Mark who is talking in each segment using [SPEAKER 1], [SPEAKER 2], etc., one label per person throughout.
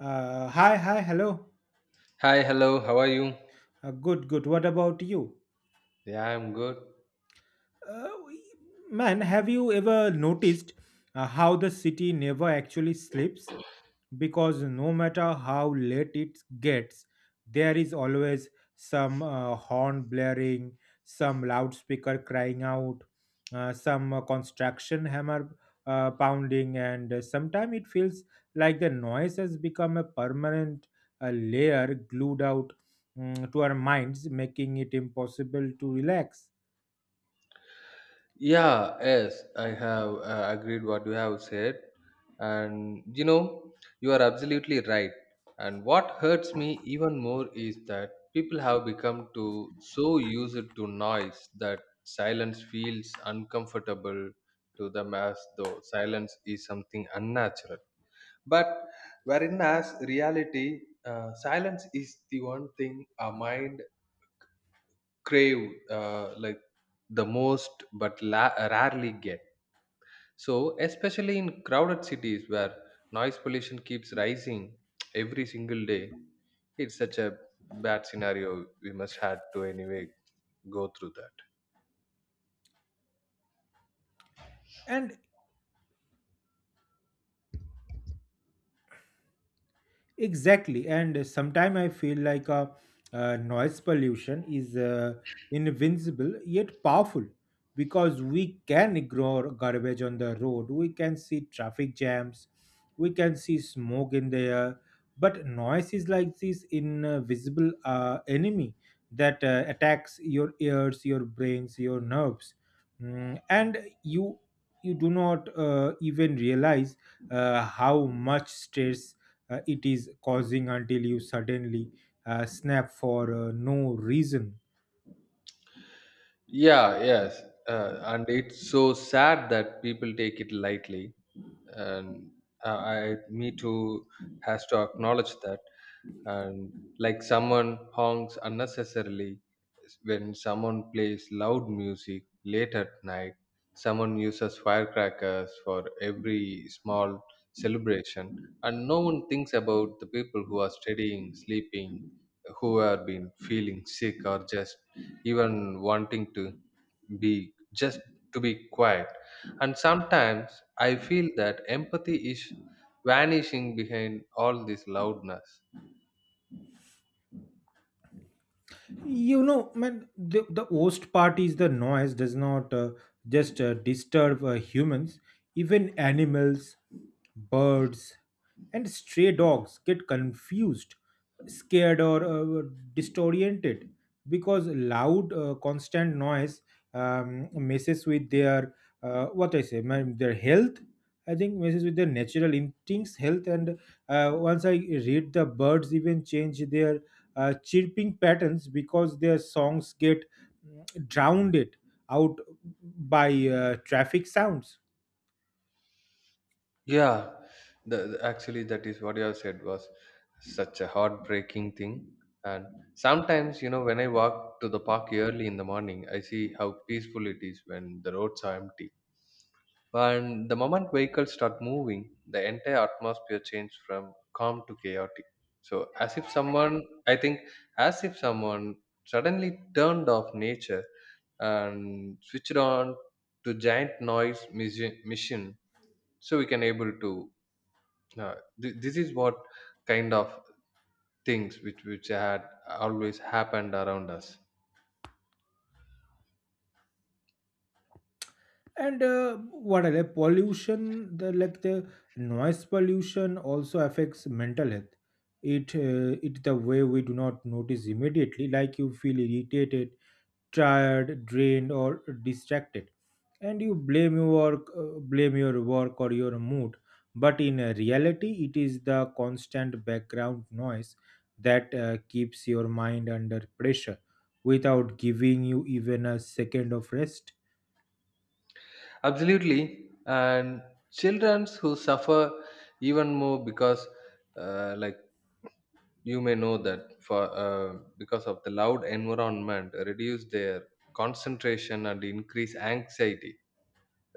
[SPEAKER 1] Hi, hi, hello.
[SPEAKER 2] Hi, hello, how are you?
[SPEAKER 1] Good, good. What about you?
[SPEAKER 2] Yeah, I'm good.
[SPEAKER 1] Uh, man, have you ever noticed how the city never actually sleeps? Because no matter how late it gets, there is always some horn blaring, some loudspeaker crying out, some construction hammer pounding, and sometimes it feels like the noise has become a permanent layer glued out to our minds, making it impossible to relax.
[SPEAKER 2] Yeah, yes, I have agreed what you have said. And you know, you are absolutely right. And what hurts me even more is that people have become to so used to noise that silence feels uncomfortable to them as though silence is something unnatural. But wherein as reality, silence is the one thing our mind crave like the most but rarely get. So especially in crowded cities where noise pollution keeps rising every single day, it's such a bad scenario we must had to anyway go through that.
[SPEAKER 1] And Exactly, and sometimes I feel like noise pollution is invincible yet powerful because we can ignore garbage on the road, we can see traffic jams, we can see smoke in the air, but noise is like this invisible enemy that attacks your ears, your brains, your nerves. Mm, and you you do not even realize how much stress it is causing until you suddenly snap for no reason.
[SPEAKER 2] Yeah, yes, and it's so sad that people take it lightly. And me too has to acknowledge that. And like someone honks unnecessarily, when someone plays loud music late at night, someone uses firecrackers for every small celebration, and no one thinks about the people who are studying, sleeping, who have been feeling sick, or just even wanting to be just to be quiet. And sometimes I feel that empathy is vanishing behind all this loudness.
[SPEAKER 1] You know man, the worst part is the noise does not just disturb humans, even animals, birds, and stray dogs get confused, scared, or disoriented, because loud constant noise messes with their what I say man, their health. I think messes with their natural instincts, health, and once I read the birds even change their chirping patterns because their songs get drowned it out by traffic sounds.
[SPEAKER 2] Yeah, actually, that is what you have said was such a heartbreaking thing. And sometimes, you know, when I walk to the park early in the morning, I see how peaceful it is when the roads are empty. And the moment vehicles start moving, the entire atmosphere changes from calm to chaotic. So, as if someone, I think, as if someone suddenly turned off nature and switched on to giant noise machine, so we can able to uh, this is what kind of things which had always happened around us.
[SPEAKER 1] And what are the pollution the like the noise pollution also affects mental health. It it the way we do not notice immediately, like you feel irritated, tired, drained, or distracted, and you blame your work or your mood, but in reality it is the constant background noise that keeps your mind under pressure without giving you even a second of rest.
[SPEAKER 2] Absolutely. And children who suffer even more because like you may know that for because of the loud environment reduce their concentration and increase anxiety,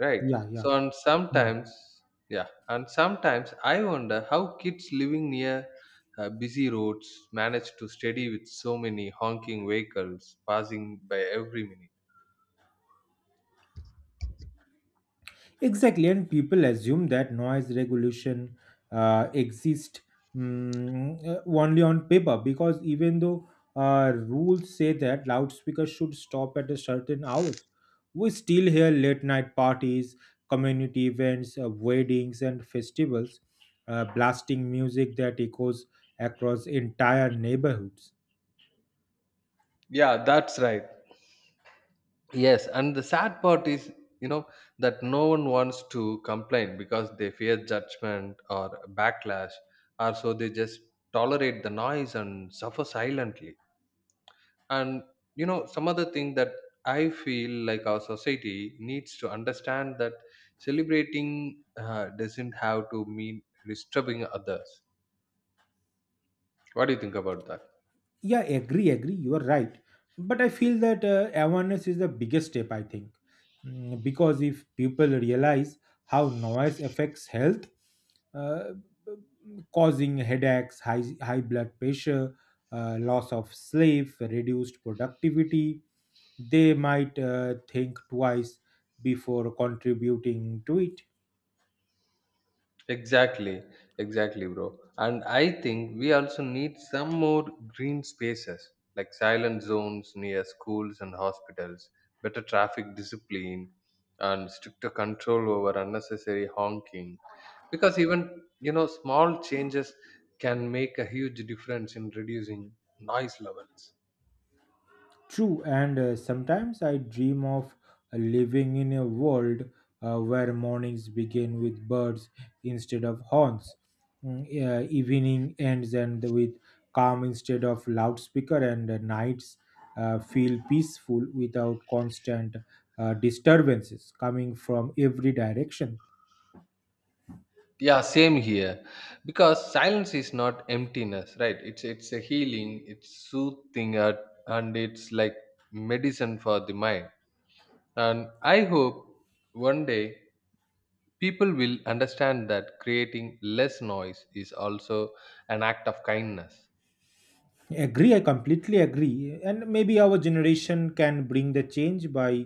[SPEAKER 2] right?
[SPEAKER 1] Yeah, yeah.
[SPEAKER 2] So and
[SPEAKER 1] Hmm.
[SPEAKER 2] sometimes. Yeah, and sometimes I wonder how kids living near busy roads manage to steady with so many honking vehicles passing by every minute.
[SPEAKER 1] Exactly, and people assume that noise regulation exists only on paper because even though rules say that loudspeakers should stop at a certain hours, we still hear late night parties, community events, weddings, and festivals blasting music that echoes across entire neighborhoods.
[SPEAKER 2] Yeah, that's right. Yes. And the sad part is, you know, that no one wants to complain because they fear judgment or backlash, or so they just tolerate the noise and suffer silently. And you know some other thing that I feel like our society needs to understand that celebrating doesn't have to mean disturbing others. What do you think about that?
[SPEAKER 1] Yeah, agree, agree. You are right. But I feel that awareness is the biggest step, I think. Mm. Because if people realize how noise affects health, uh, causing headaches, high blood pressure, loss of sleep, reduced productivity, they might think twice before contributing to it.
[SPEAKER 2] Exactly. Exactly, bro. And I think we also need some more green spaces, like silent zones near schools and hospitals, better traffic discipline, and stricter control over unnecessary honking, because even you know small changes can make a huge difference in reducing noise levels.
[SPEAKER 1] True, and sometimes I dream of living in a world where mornings begin with birds instead of horns, Mm, evening ends and with calm instead of loudspeaker, and nights feel peaceful without constant disturbances coming from every direction.
[SPEAKER 2] Yeah, same here. Because silence is not emptiness, right? It's a healing, it's soothing at, and it's like medicine for the mind. And I hope one day people will understand that creating less noise is also an act of kindness.
[SPEAKER 1] Agree, I completely agree. And maybe our generation can bring the change by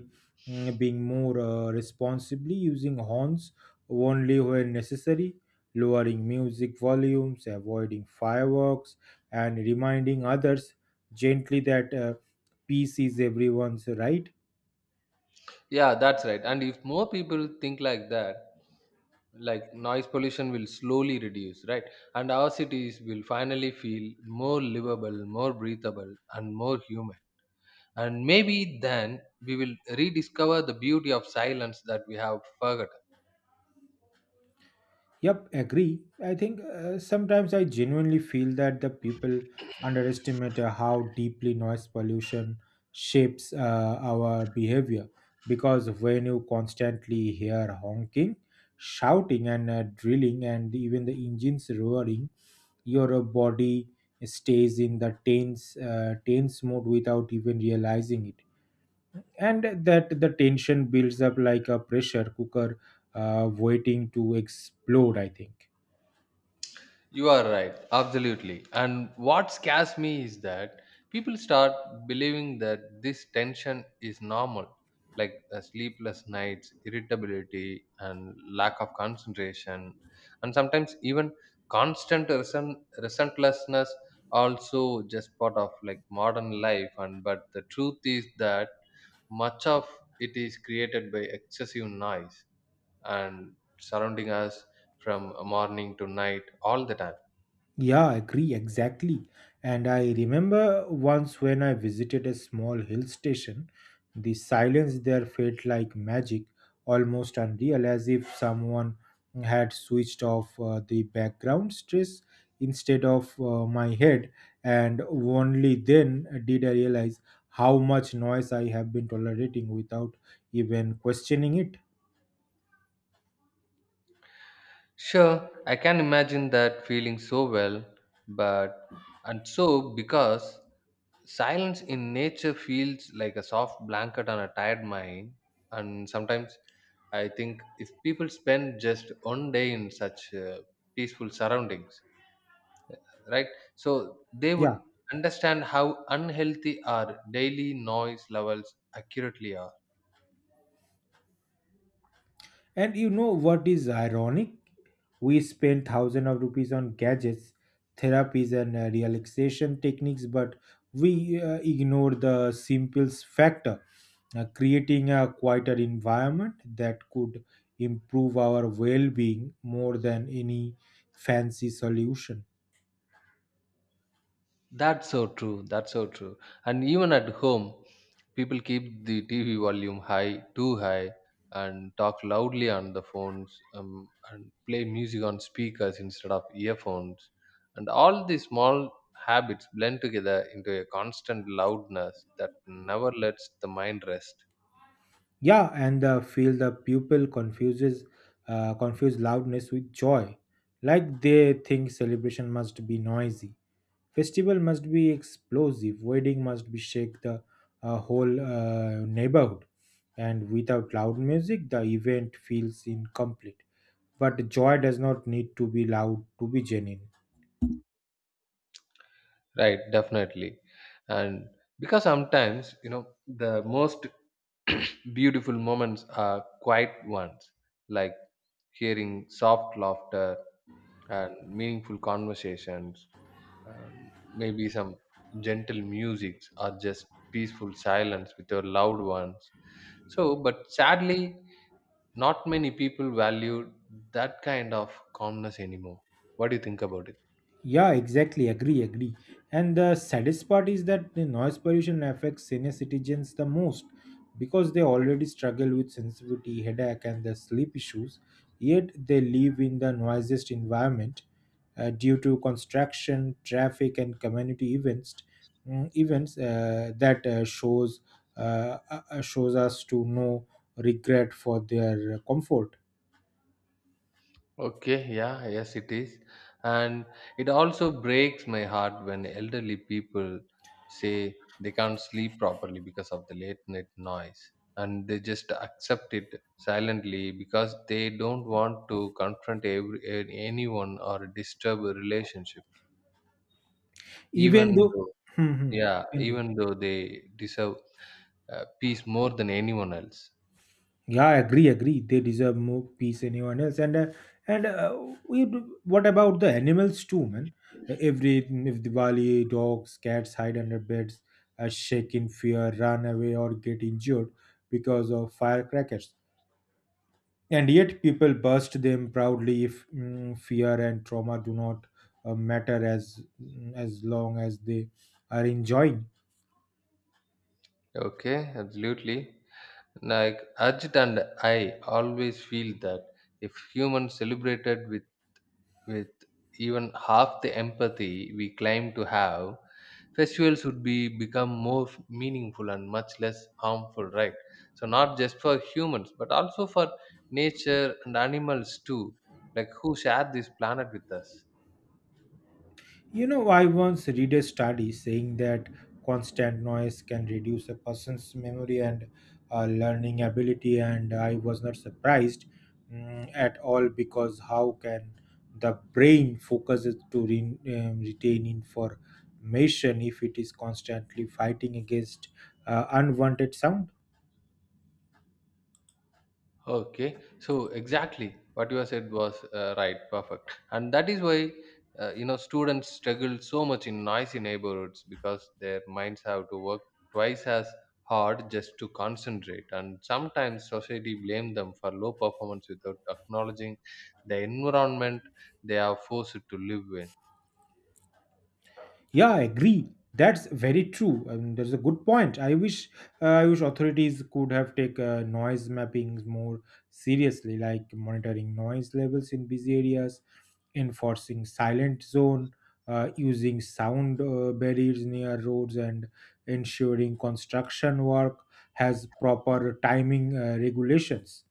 [SPEAKER 1] being more responsibly using horns only when necessary, lowering music volumes, avoiding fireworks, and reminding others gently that peace is everyone's right.
[SPEAKER 2] Yeah, that's right. And if more people think like that, like noise pollution will slowly reduce, right? And our cities will finally feel more livable, more breathable, and more human. And maybe then we will rediscover the beauty of silence that we have forgotten.
[SPEAKER 1] Yep, agree. I think sometimes I genuinely feel that the people underestimate how deeply noise pollution shapes our behavior. Because when you constantly hear honking, shouting, and drilling, and even the engines roaring, your body stays in the tense mode without even realizing it. And that the tension builds up like a pressure cooker waiting to explode, I think.
[SPEAKER 2] You are right, absolutely. And what scares me is that people start believing that this tension is normal, like sleepless nights, irritability, and lack of concentration, and sometimes even constant resentlessness. Also, just part of like modern life. And but the truth is that much of it is created by excessive noise and surrounding us from morning to night all the time.
[SPEAKER 1] Yeah, I agree exactly. And I remember once when I visited a small hill station, the silence there felt like magic, almost unreal, as if someone had switched off the background stress instead of my head. And only then did I realize how much noise I have been tolerating without even questioning it.
[SPEAKER 2] Sure, I can imagine that feeling so well, but and so because silence in nature feels like a soft blanket on a tired mind, and sometimes I think if people spend just one day in such peaceful surroundings, right, so they would
[SPEAKER 1] Yeah.
[SPEAKER 2] understand how unhealthy our daily noise levels accurately are.
[SPEAKER 1] And you know what is ironic? We spend thousands of rupees on gadgets, therapies, and relaxation techniques, but we ignore the simple factor, creating a quieter environment that could improve our well being more than any fancy solution.
[SPEAKER 2] That's so true. That's so true. And even at home, people keep the TV volume high, too high, and talk loudly on the phones and play music on speakers instead of earphones. And all these small habits blend together into a constant loudness that never lets the mind rest.
[SPEAKER 1] Yeah, and feel the pupil confuse loudness with joy, like they think celebration must be noisy, festival must be explosive, wedding must be shake the whole neighborhood, and without loud music, the event feels incomplete. But joy does not need to be loud to be genuine.
[SPEAKER 2] Right, definitely. And because sometimes, you know, the most beautiful moments are quiet ones, like hearing soft laughter and meaningful conversations, and maybe some gentle music or just peaceful silence with your loved ones. So, but sadly, not many people value that kind of calmness anymore. What do you think about it?
[SPEAKER 1] Yeah, exactly. Agree, agree. And the saddest part is that the noise pollution affects senior citizens the most because they already struggle with sensitivity, headache, and the sleep issues. Yet they live in the noisiest environment due to construction, traffic, and community events. Events that shows shows us to no regret for their comfort,
[SPEAKER 2] Okay, yeah, yes, it is. And it also breaks my heart when elderly people say they can't sleep properly because of the late night noise. And they just accept it silently because they don't want to confront anyone or disturb a relationship.
[SPEAKER 1] even
[SPEAKER 2] Even
[SPEAKER 1] though.
[SPEAKER 2] though,
[SPEAKER 1] Hmm, hmm.
[SPEAKER 2] yeah,
[SPEAKER 1] Continue.
[SPEAKER 2] even though they deserve peace more than anyone else.
[SPEAKER 1] Yeah, I agree, agree. They deserve more peace than anyone else. And we do- what about the animals too, man? Every if Diwali, dogs, cats hide under beds, shake in fear, run away, or get injured because of firecrackers. And yet people burst them proudly if fear and trauma do not matter as long as they are enjoying.
[SPEAKER 2] Okay, absolutely. Like Ajit and I always feel that if humans celebrated with with even half the empathy we claim to have, festivals would be become more meaningful and much less harmful, right? So not just for humans but also for nature and animals too, like who share this planet with us.
[SPEAKER 1] You know, I once read a study saying that constant noise can reduce a person's memory and learning ability, and I was not surprised at all because how can the brain focus it to retain information if it is constantly fighting against unwanted sound?
[SPEAKER 2] Okay, so exactly what you have said was right, perfect, and that is why you know students struggle so much in noisy neighborhoods because their minds have to work twice as hard just to concentrate, and sometimes society blame them for low performance without acknowledging the environment they are forced to live in.
[SPEAKER 1] Yeah, I agree. That's very true. And that's a good point. I wish, I wish authorities could have take noise mappings more seriously, like monitoring noise levels in busy areas, enforcing silent zone, using sound barriers near roads, and ensuring construction work has proper timing regulations.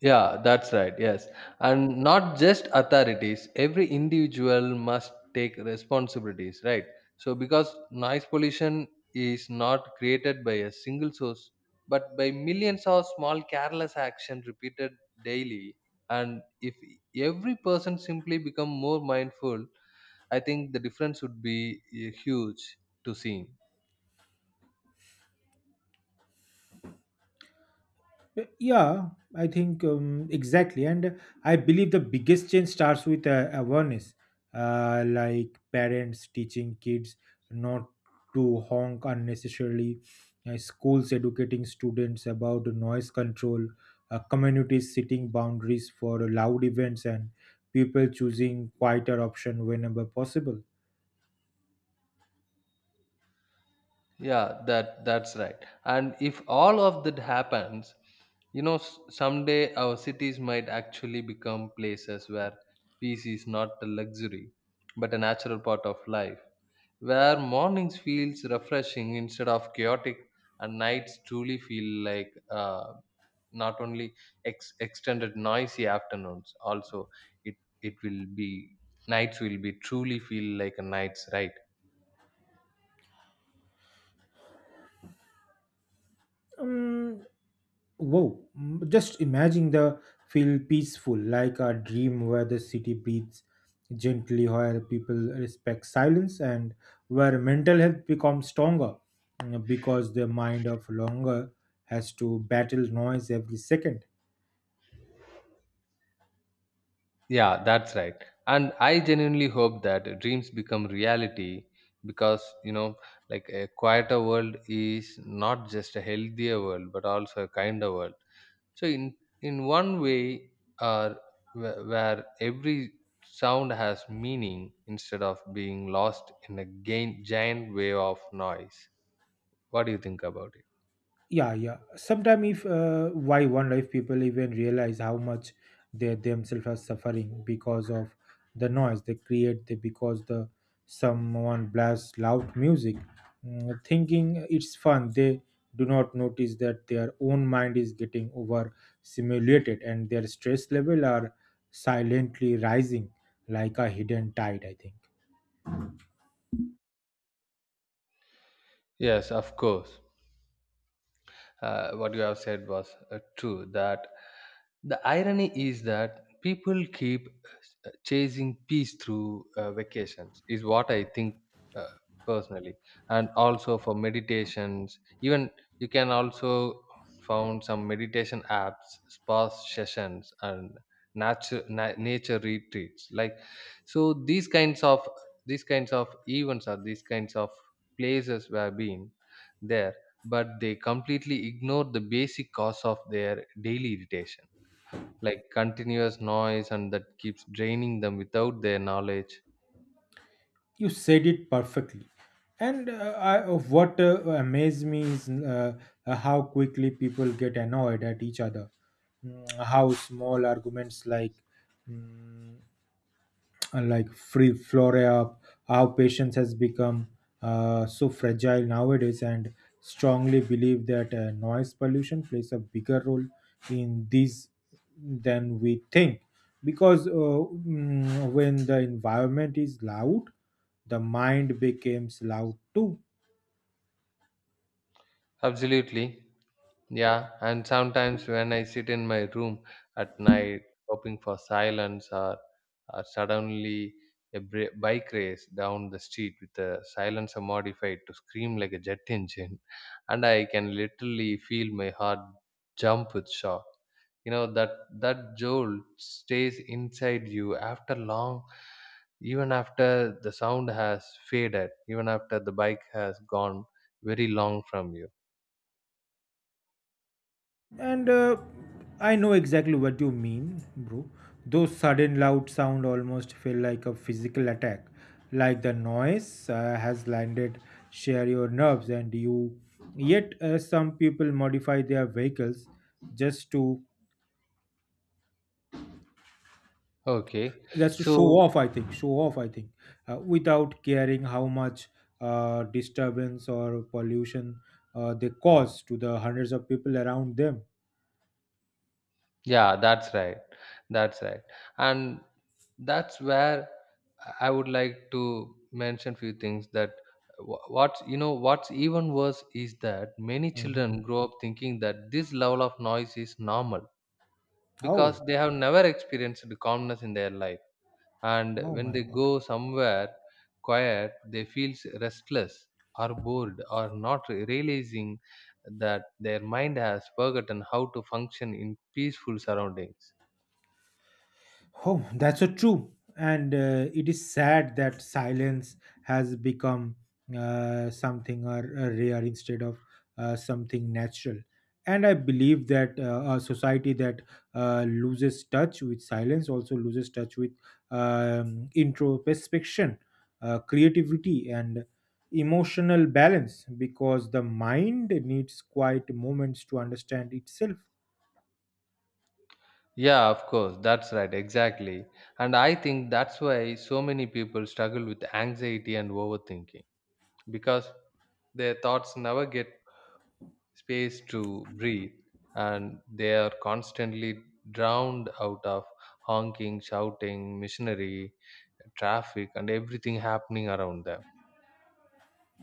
[SPEAKER 2] Yeah, that's right. Yes. And not just authorities, every individual must take responsibilities, right? So, because noise pollution is not created by a single source, but by millions of small careless action repeated daily. And if every person simply become more mindful, I think the difference would be huge to see.
[SPEAKER 1] Yeah, I think exactly. And I believe the biggest change starts with awareness, like parents teaching kids not to honk unnecessarily, schools educating students about noise control, communities setting boundaries for loud events, and people choosing quieter option whenever possible.
[SPEAKER 2] Yeah, that's right. And if all of that happens, you know, someday our cities might actually become places where peace is not a luxury but a natural part of life, where mornings feels refreshing instead of chaotic, and nights truly feel like not only extended noisy afternoons. Also it it will be, nights will be truly feel like a night's ride.
[SPEAKER 1] Wow, mm, just imagine the feel peaceful, like a dream where the city breathes gently, where people respect silence, and where mental health becomes stronger because the mind of longer has to battle noise every second.
[SPEAKER 2] Yeah, that's right. And I genuinely hope that dreams become reality because, you know, like a quieter world is not just a healthier world, but also a kinder world. So, in one way, uh, where every sound has meaning instead of being lost in a gain, giant wave of noise. What do you think about it?
[SPEAKER 1] Yeah, yeah, sometimes if why wildlife people even realize how much they themselves are suffering because of the noise they create because the someone blasts loud music thinking it's fun, they do not notice that their own mind is getting over simulated and their stress level are silently rising like a hidden tide, I think.
[SPEAKER 2] Yes, of course. What you have said was true, that the irony is that people keep chasing peace through vacations is what I think uh, personally, and also for meditations. Even you can also found some meditation apps, spa sessions, and nature nature retreats, like so these kinds of events, or these kinds of places were being there, but they completely ignore the basic cause of their daily irritation, like continuous noise, and that keeps draining them without their knowledge.
[SPEAKER 1] You said it perfectly. And of what amazed me is how quickly people get annoyed at each other. Mm, how small arguments like mm, like free flora, how patience has become so fragile nowadays, and strongly believe that noise pollution plays a bigger role in these than we think, because when the environment is loud the mind becomes loud too.
[SPEAKER 2] Absolutely. Yeah, and sometimes when I sit in my room at night hoping for silence, or suddenly a bike race down the street with a silencer modified to scream like a jet engine and I can literally feel my heart jump with shock. You know that that jolt stays inside you after long, even after the sound has faded, even after the bike has gone very long from you.
[SPEAKER 1] And I know exactly what you mean, bro. Those sudden loud sound almost feel like a physical attack, like the noise has landed share your nerves and you. Yet some people modify their vehicles just to
[SPEAKER 2] Okay. So
[SPEAKER 1] show off. I think without caring how much disturbance or pollution they cause to the hundreds of people around them.
[SPEAKER 2] yeah, that's right. That's right. And that's where I would like to mention few things, that what's you know what's even worse is that many
[SPEAKER 1] Mhm.
[SPEAKER 2] children grow up thinking that this level of noise is normal
[SPEAKER 1] Oh,
[SPEAKER 2] because they have never experienced the calmness in their life. And
[SPEAKER 1] oh
[SPEAKER 2] when
[SPEAKER 1] my
[SPEAKER 2] they
[SPEAKER 1] God.
[SPEAKER 2] go somewhere quiet, they feel restless or bored, or not realizing that their mind has forgotten how to function in peaceful surroundings.
[SPEAKER 1] Oh, that's so true. And it is sad that silence has become something or rare instead of something natural. And I believe that a society that loses touch with silence also loses touch with introspection, creativity, and emotional balance because the mind needs quiet moments to understand itself.
[SPEAKER 2] Yeah, of course. That's right. Exactly. And I think that's why so many people struggle with anxiety and overthinking, because their thoughts never get space to breathe and they are constantly drowned out of honking, shouting, machinery, traffic, and everything happening around them.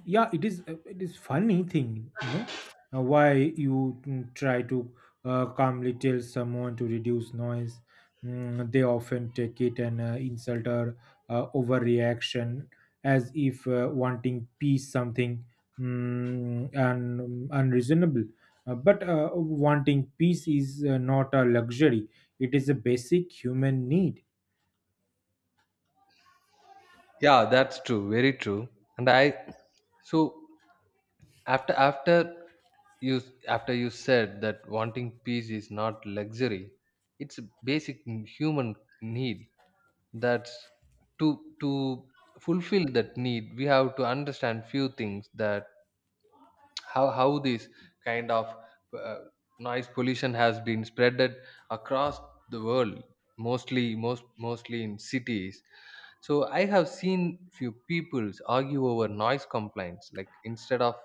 [SPEAKER 1] Yeah, it is it is funny thing, you know, why you try to calmly tell someone to reduce noise. Mm, they often take it an insult or overreaction, as if wanting peace something mm, and unreasonable. But wanting peace is not a luxury; it is a basic human need.
[SPEAKER 2] Yeah, that's true. Very true. And I, so after after you after you said that wanting peace is not luxury, it's a basic human need. That's to to fulfill that need we have to understand few things, that how this kind of uh, noise pollution has been spreaded across the world, mostly mostly in cities. So I have seen few peoples argue over noise complaints, like instead of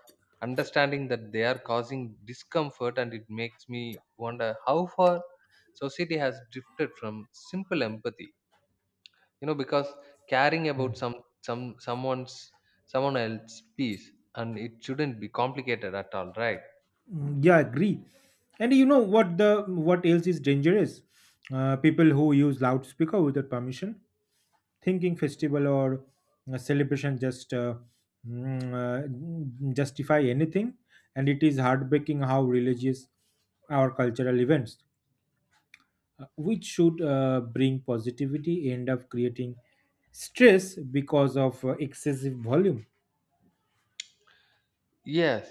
[SPEAKER 2] understanding that they are causing discomfort, and it makes me wonder how far society has drifted from simple empathy, you know, because caring about some someone's someone else's peace, and it shouldn't be complicated at all, right?
[SPEAKER 1] Mm, yeah, agree. And you know what the what else is dangerous? People who use loudspeaker without permission, thinking festival or celebration just justify anything, and it is heartbreaking how religious our cultural events, which should bring positivity, end up creating stress because of excessive volume.
[SPEAKER 2] Yes,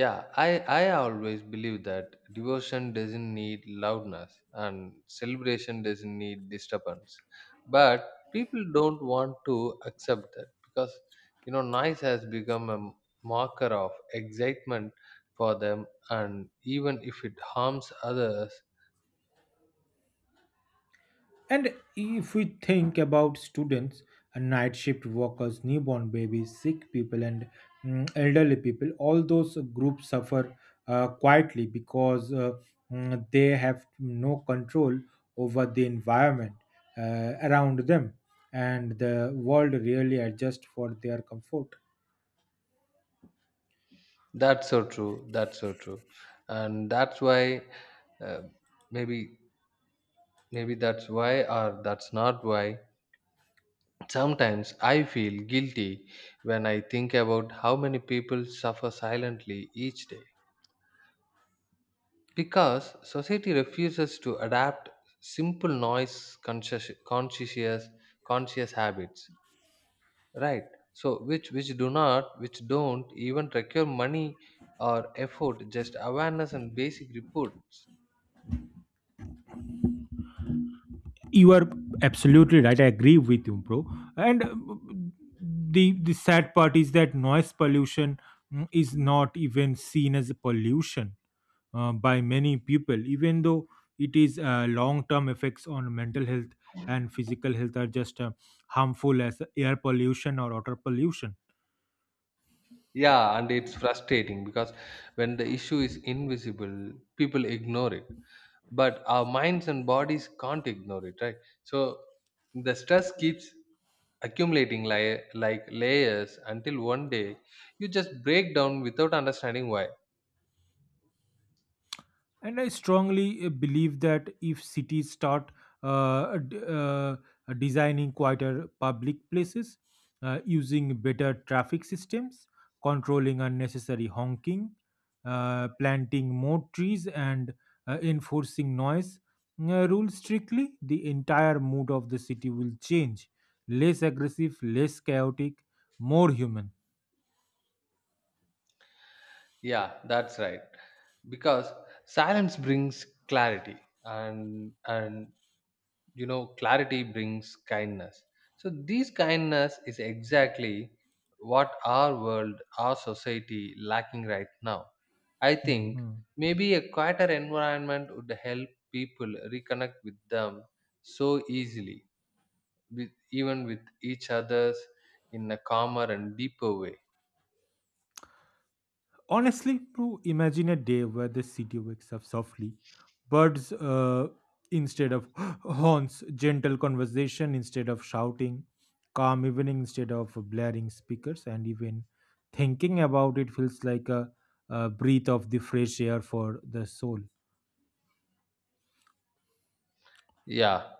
[SPEAKER 2] yeah, i I always believe that devotion doesn't need loudness, and celebration doesn't need disturbance, but people don't want to accept that because, you know, noise has become a marker of excitement for them, and even if it harms others.
[SPEAKER 1] And if we think about students, night shift workers, newborn babies, sick people, and elderly people, all those groups suffer quietly because they have no control over the environment around them, and the world really adjusts for their comfort.
[SPEAKER 2] That's so true. That's so true, and that's why uh, maybe maybe that's why, or that's not why. Sometimes I feel guilty when I think about how many people suffer silently each day because society refuses to adapt simple noise conscious habits, right? So which do not, which don't even require money or effort, just awareness and basic reports.
[SPEAKER 1] You are absolutely right. I agree with you, bro. And the sad part is that noise pollution is not even seen as a pollution by many people, even though it is long term effects on mental health and physical health are just harmful as air pollution or water pollution.
[SPEAKER 2] Yeah, and it's frustrating because when the issue is invisible, people ignore it. But our minds and bodies can't ignore it, right? So the stress keeps accumulating like layers until one day you just break down without understanding why.
[SPEAKER 1] And I strongly believe that if cities start uh, d- uh, designing quieter public places, using better traffic systems, controlling unnecessary honking, planting more trees, and enforcing noise rules strictly, the entire mood of the city will change. Less aggressive, less chaotic, more human.
[SPEAKER 2] Yeah, that's right. Because silence brings clarity and you know clarity brings kindness. So this kindness is exactly what our world, our society lacking right now, I think.
[SPEAKER 1] Mm-hmm.
[SPEAKER 2] Maybe a quieter environment would help people reconnect with them so easily, with even with each others in a calmer and deeper way.
[SPEAKER 1] Honestly, to imagine a day where the city wakes up softly, birds instead of horns, gentle conversation instead of shouting, calm evening instead of blaring speakers, and even thinking about it feels like a breath of the fresh air for the soul.
[SPEAKER 2] Yeah,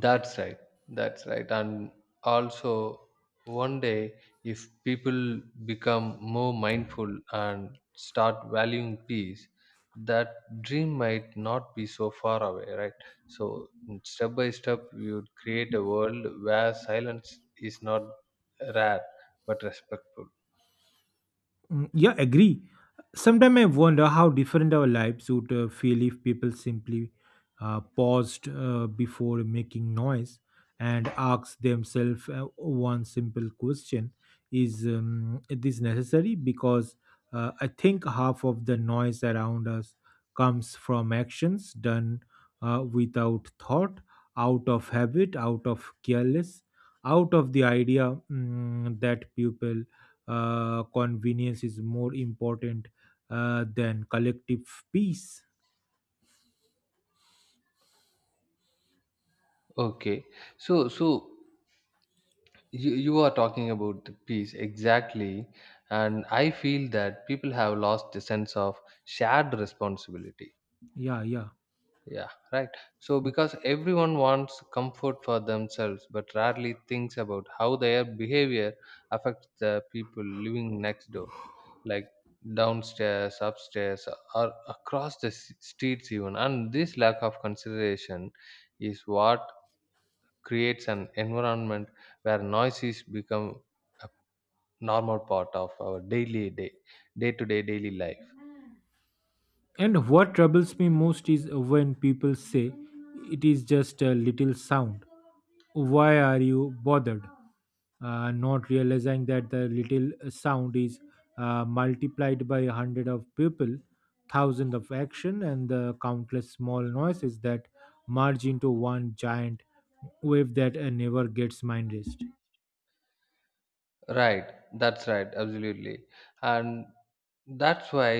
[SPEAKER 2] that's right. That's right. And also, one day, if people become more mindful and start valuing peace, that dream might not be so far away, right? So, step by step, we would create a world where silence is not rare but respectful.
[SPEAKER 1] Mm, yeah, agree. Sometimes I wonder how different our lives would feel if people simply paused before making noise and asked themselves one simple question. Is this necessary? Because I think half of the noise around us comes from actions done without thought, out of habit, out of careless, out of the idea that people convenience is more important than collective peace.
[SPEAKER 2] Okay. So, you are talking about the peace exactly, and I feel that people have lost the sense of shared responsibility.
[SPEAKER 1] Yeah, yeah.
[SPEAKER 2] Yeah, right. So because everyone wants comfort for themselves but rarely thinks about how their behavior affects the people living next door, like downstairs, upstairs, or across the streets even, and this lack of consideration is what creates an environment where noises become a normal part of our daily day day to day daily life.
[SPEAKER 1] And what troubles me most is when people say it is just a little sound. Why are you bothered? Not realizing that the little sound is multiplied by a hundred of people, thousand of action, and the countless small noises that merge into one giant wave that never gets mind rest.
[SPEAKER 2] Right, that's right, absolutely. And that's why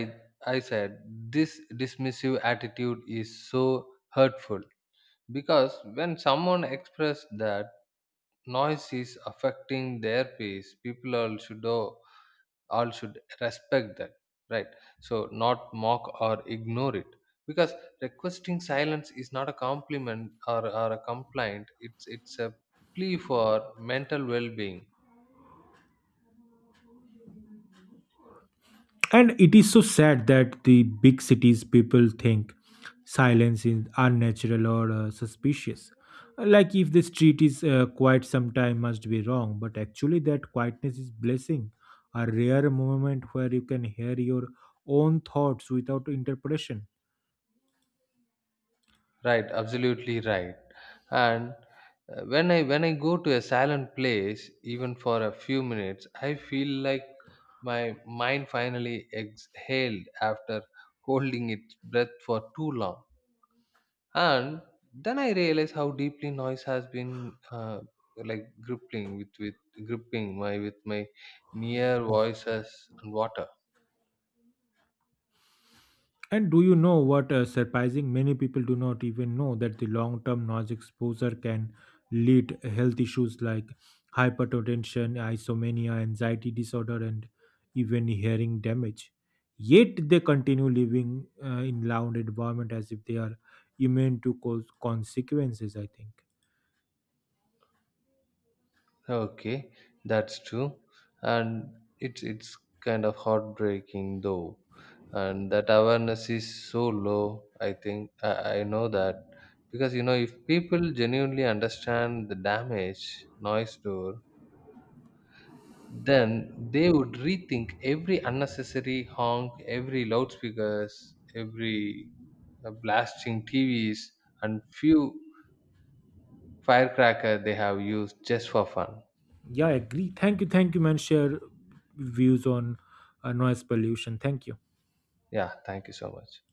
[SPEAKER 2] I said this dismissive attitude is so hurtful, because when someone expressed that noise is affecting their peace, people all should know, all should respect that, right? So not mock or ignore it, because requesting silence is not a compliment or a complaint, it's a plea for mental well-being.
[SPEAKER 1] And it is so sad that the big cities people think silence is unnatural or suspicious. Like if the street is quiet, sometime must be wrong. But actually, that quietness is blessing, a rare moment where you can hear your own thoughts without interpretation.
[SPEAKER 2] Right, absolutely right. And when I go to a silent place even for a few minutes, I feel like my mind finally exhaled after holding its breath for too long. And then I realized how deeply noise has been like gripping with gripping my with my near voices and water.
[SPEAKER 1] And do you know what surprising? Many people do not even know that the long term noise exposure can lead health issues like hypertension, isomania, anxiety disorder, and even hearing damage. Yet they continue living in loud environment as if they are immune to cause consequences. I think.
[SPEAKER 2] Okay, that's true. And it's kind of heartbreaking though, and that awareness is so low, I think. I know that, because you know if people genuinely understand the damage noise do, then they would rethink every unnecessary honk, every loudspeakers, every blasting TVs, and few firecracker they have used just for fun.
[SPEAKER 1] Yeah, I agree. Thank you, man. Share views on noise pollution. Thank you.
[SPEAKER 2] Yeah, thank you so much.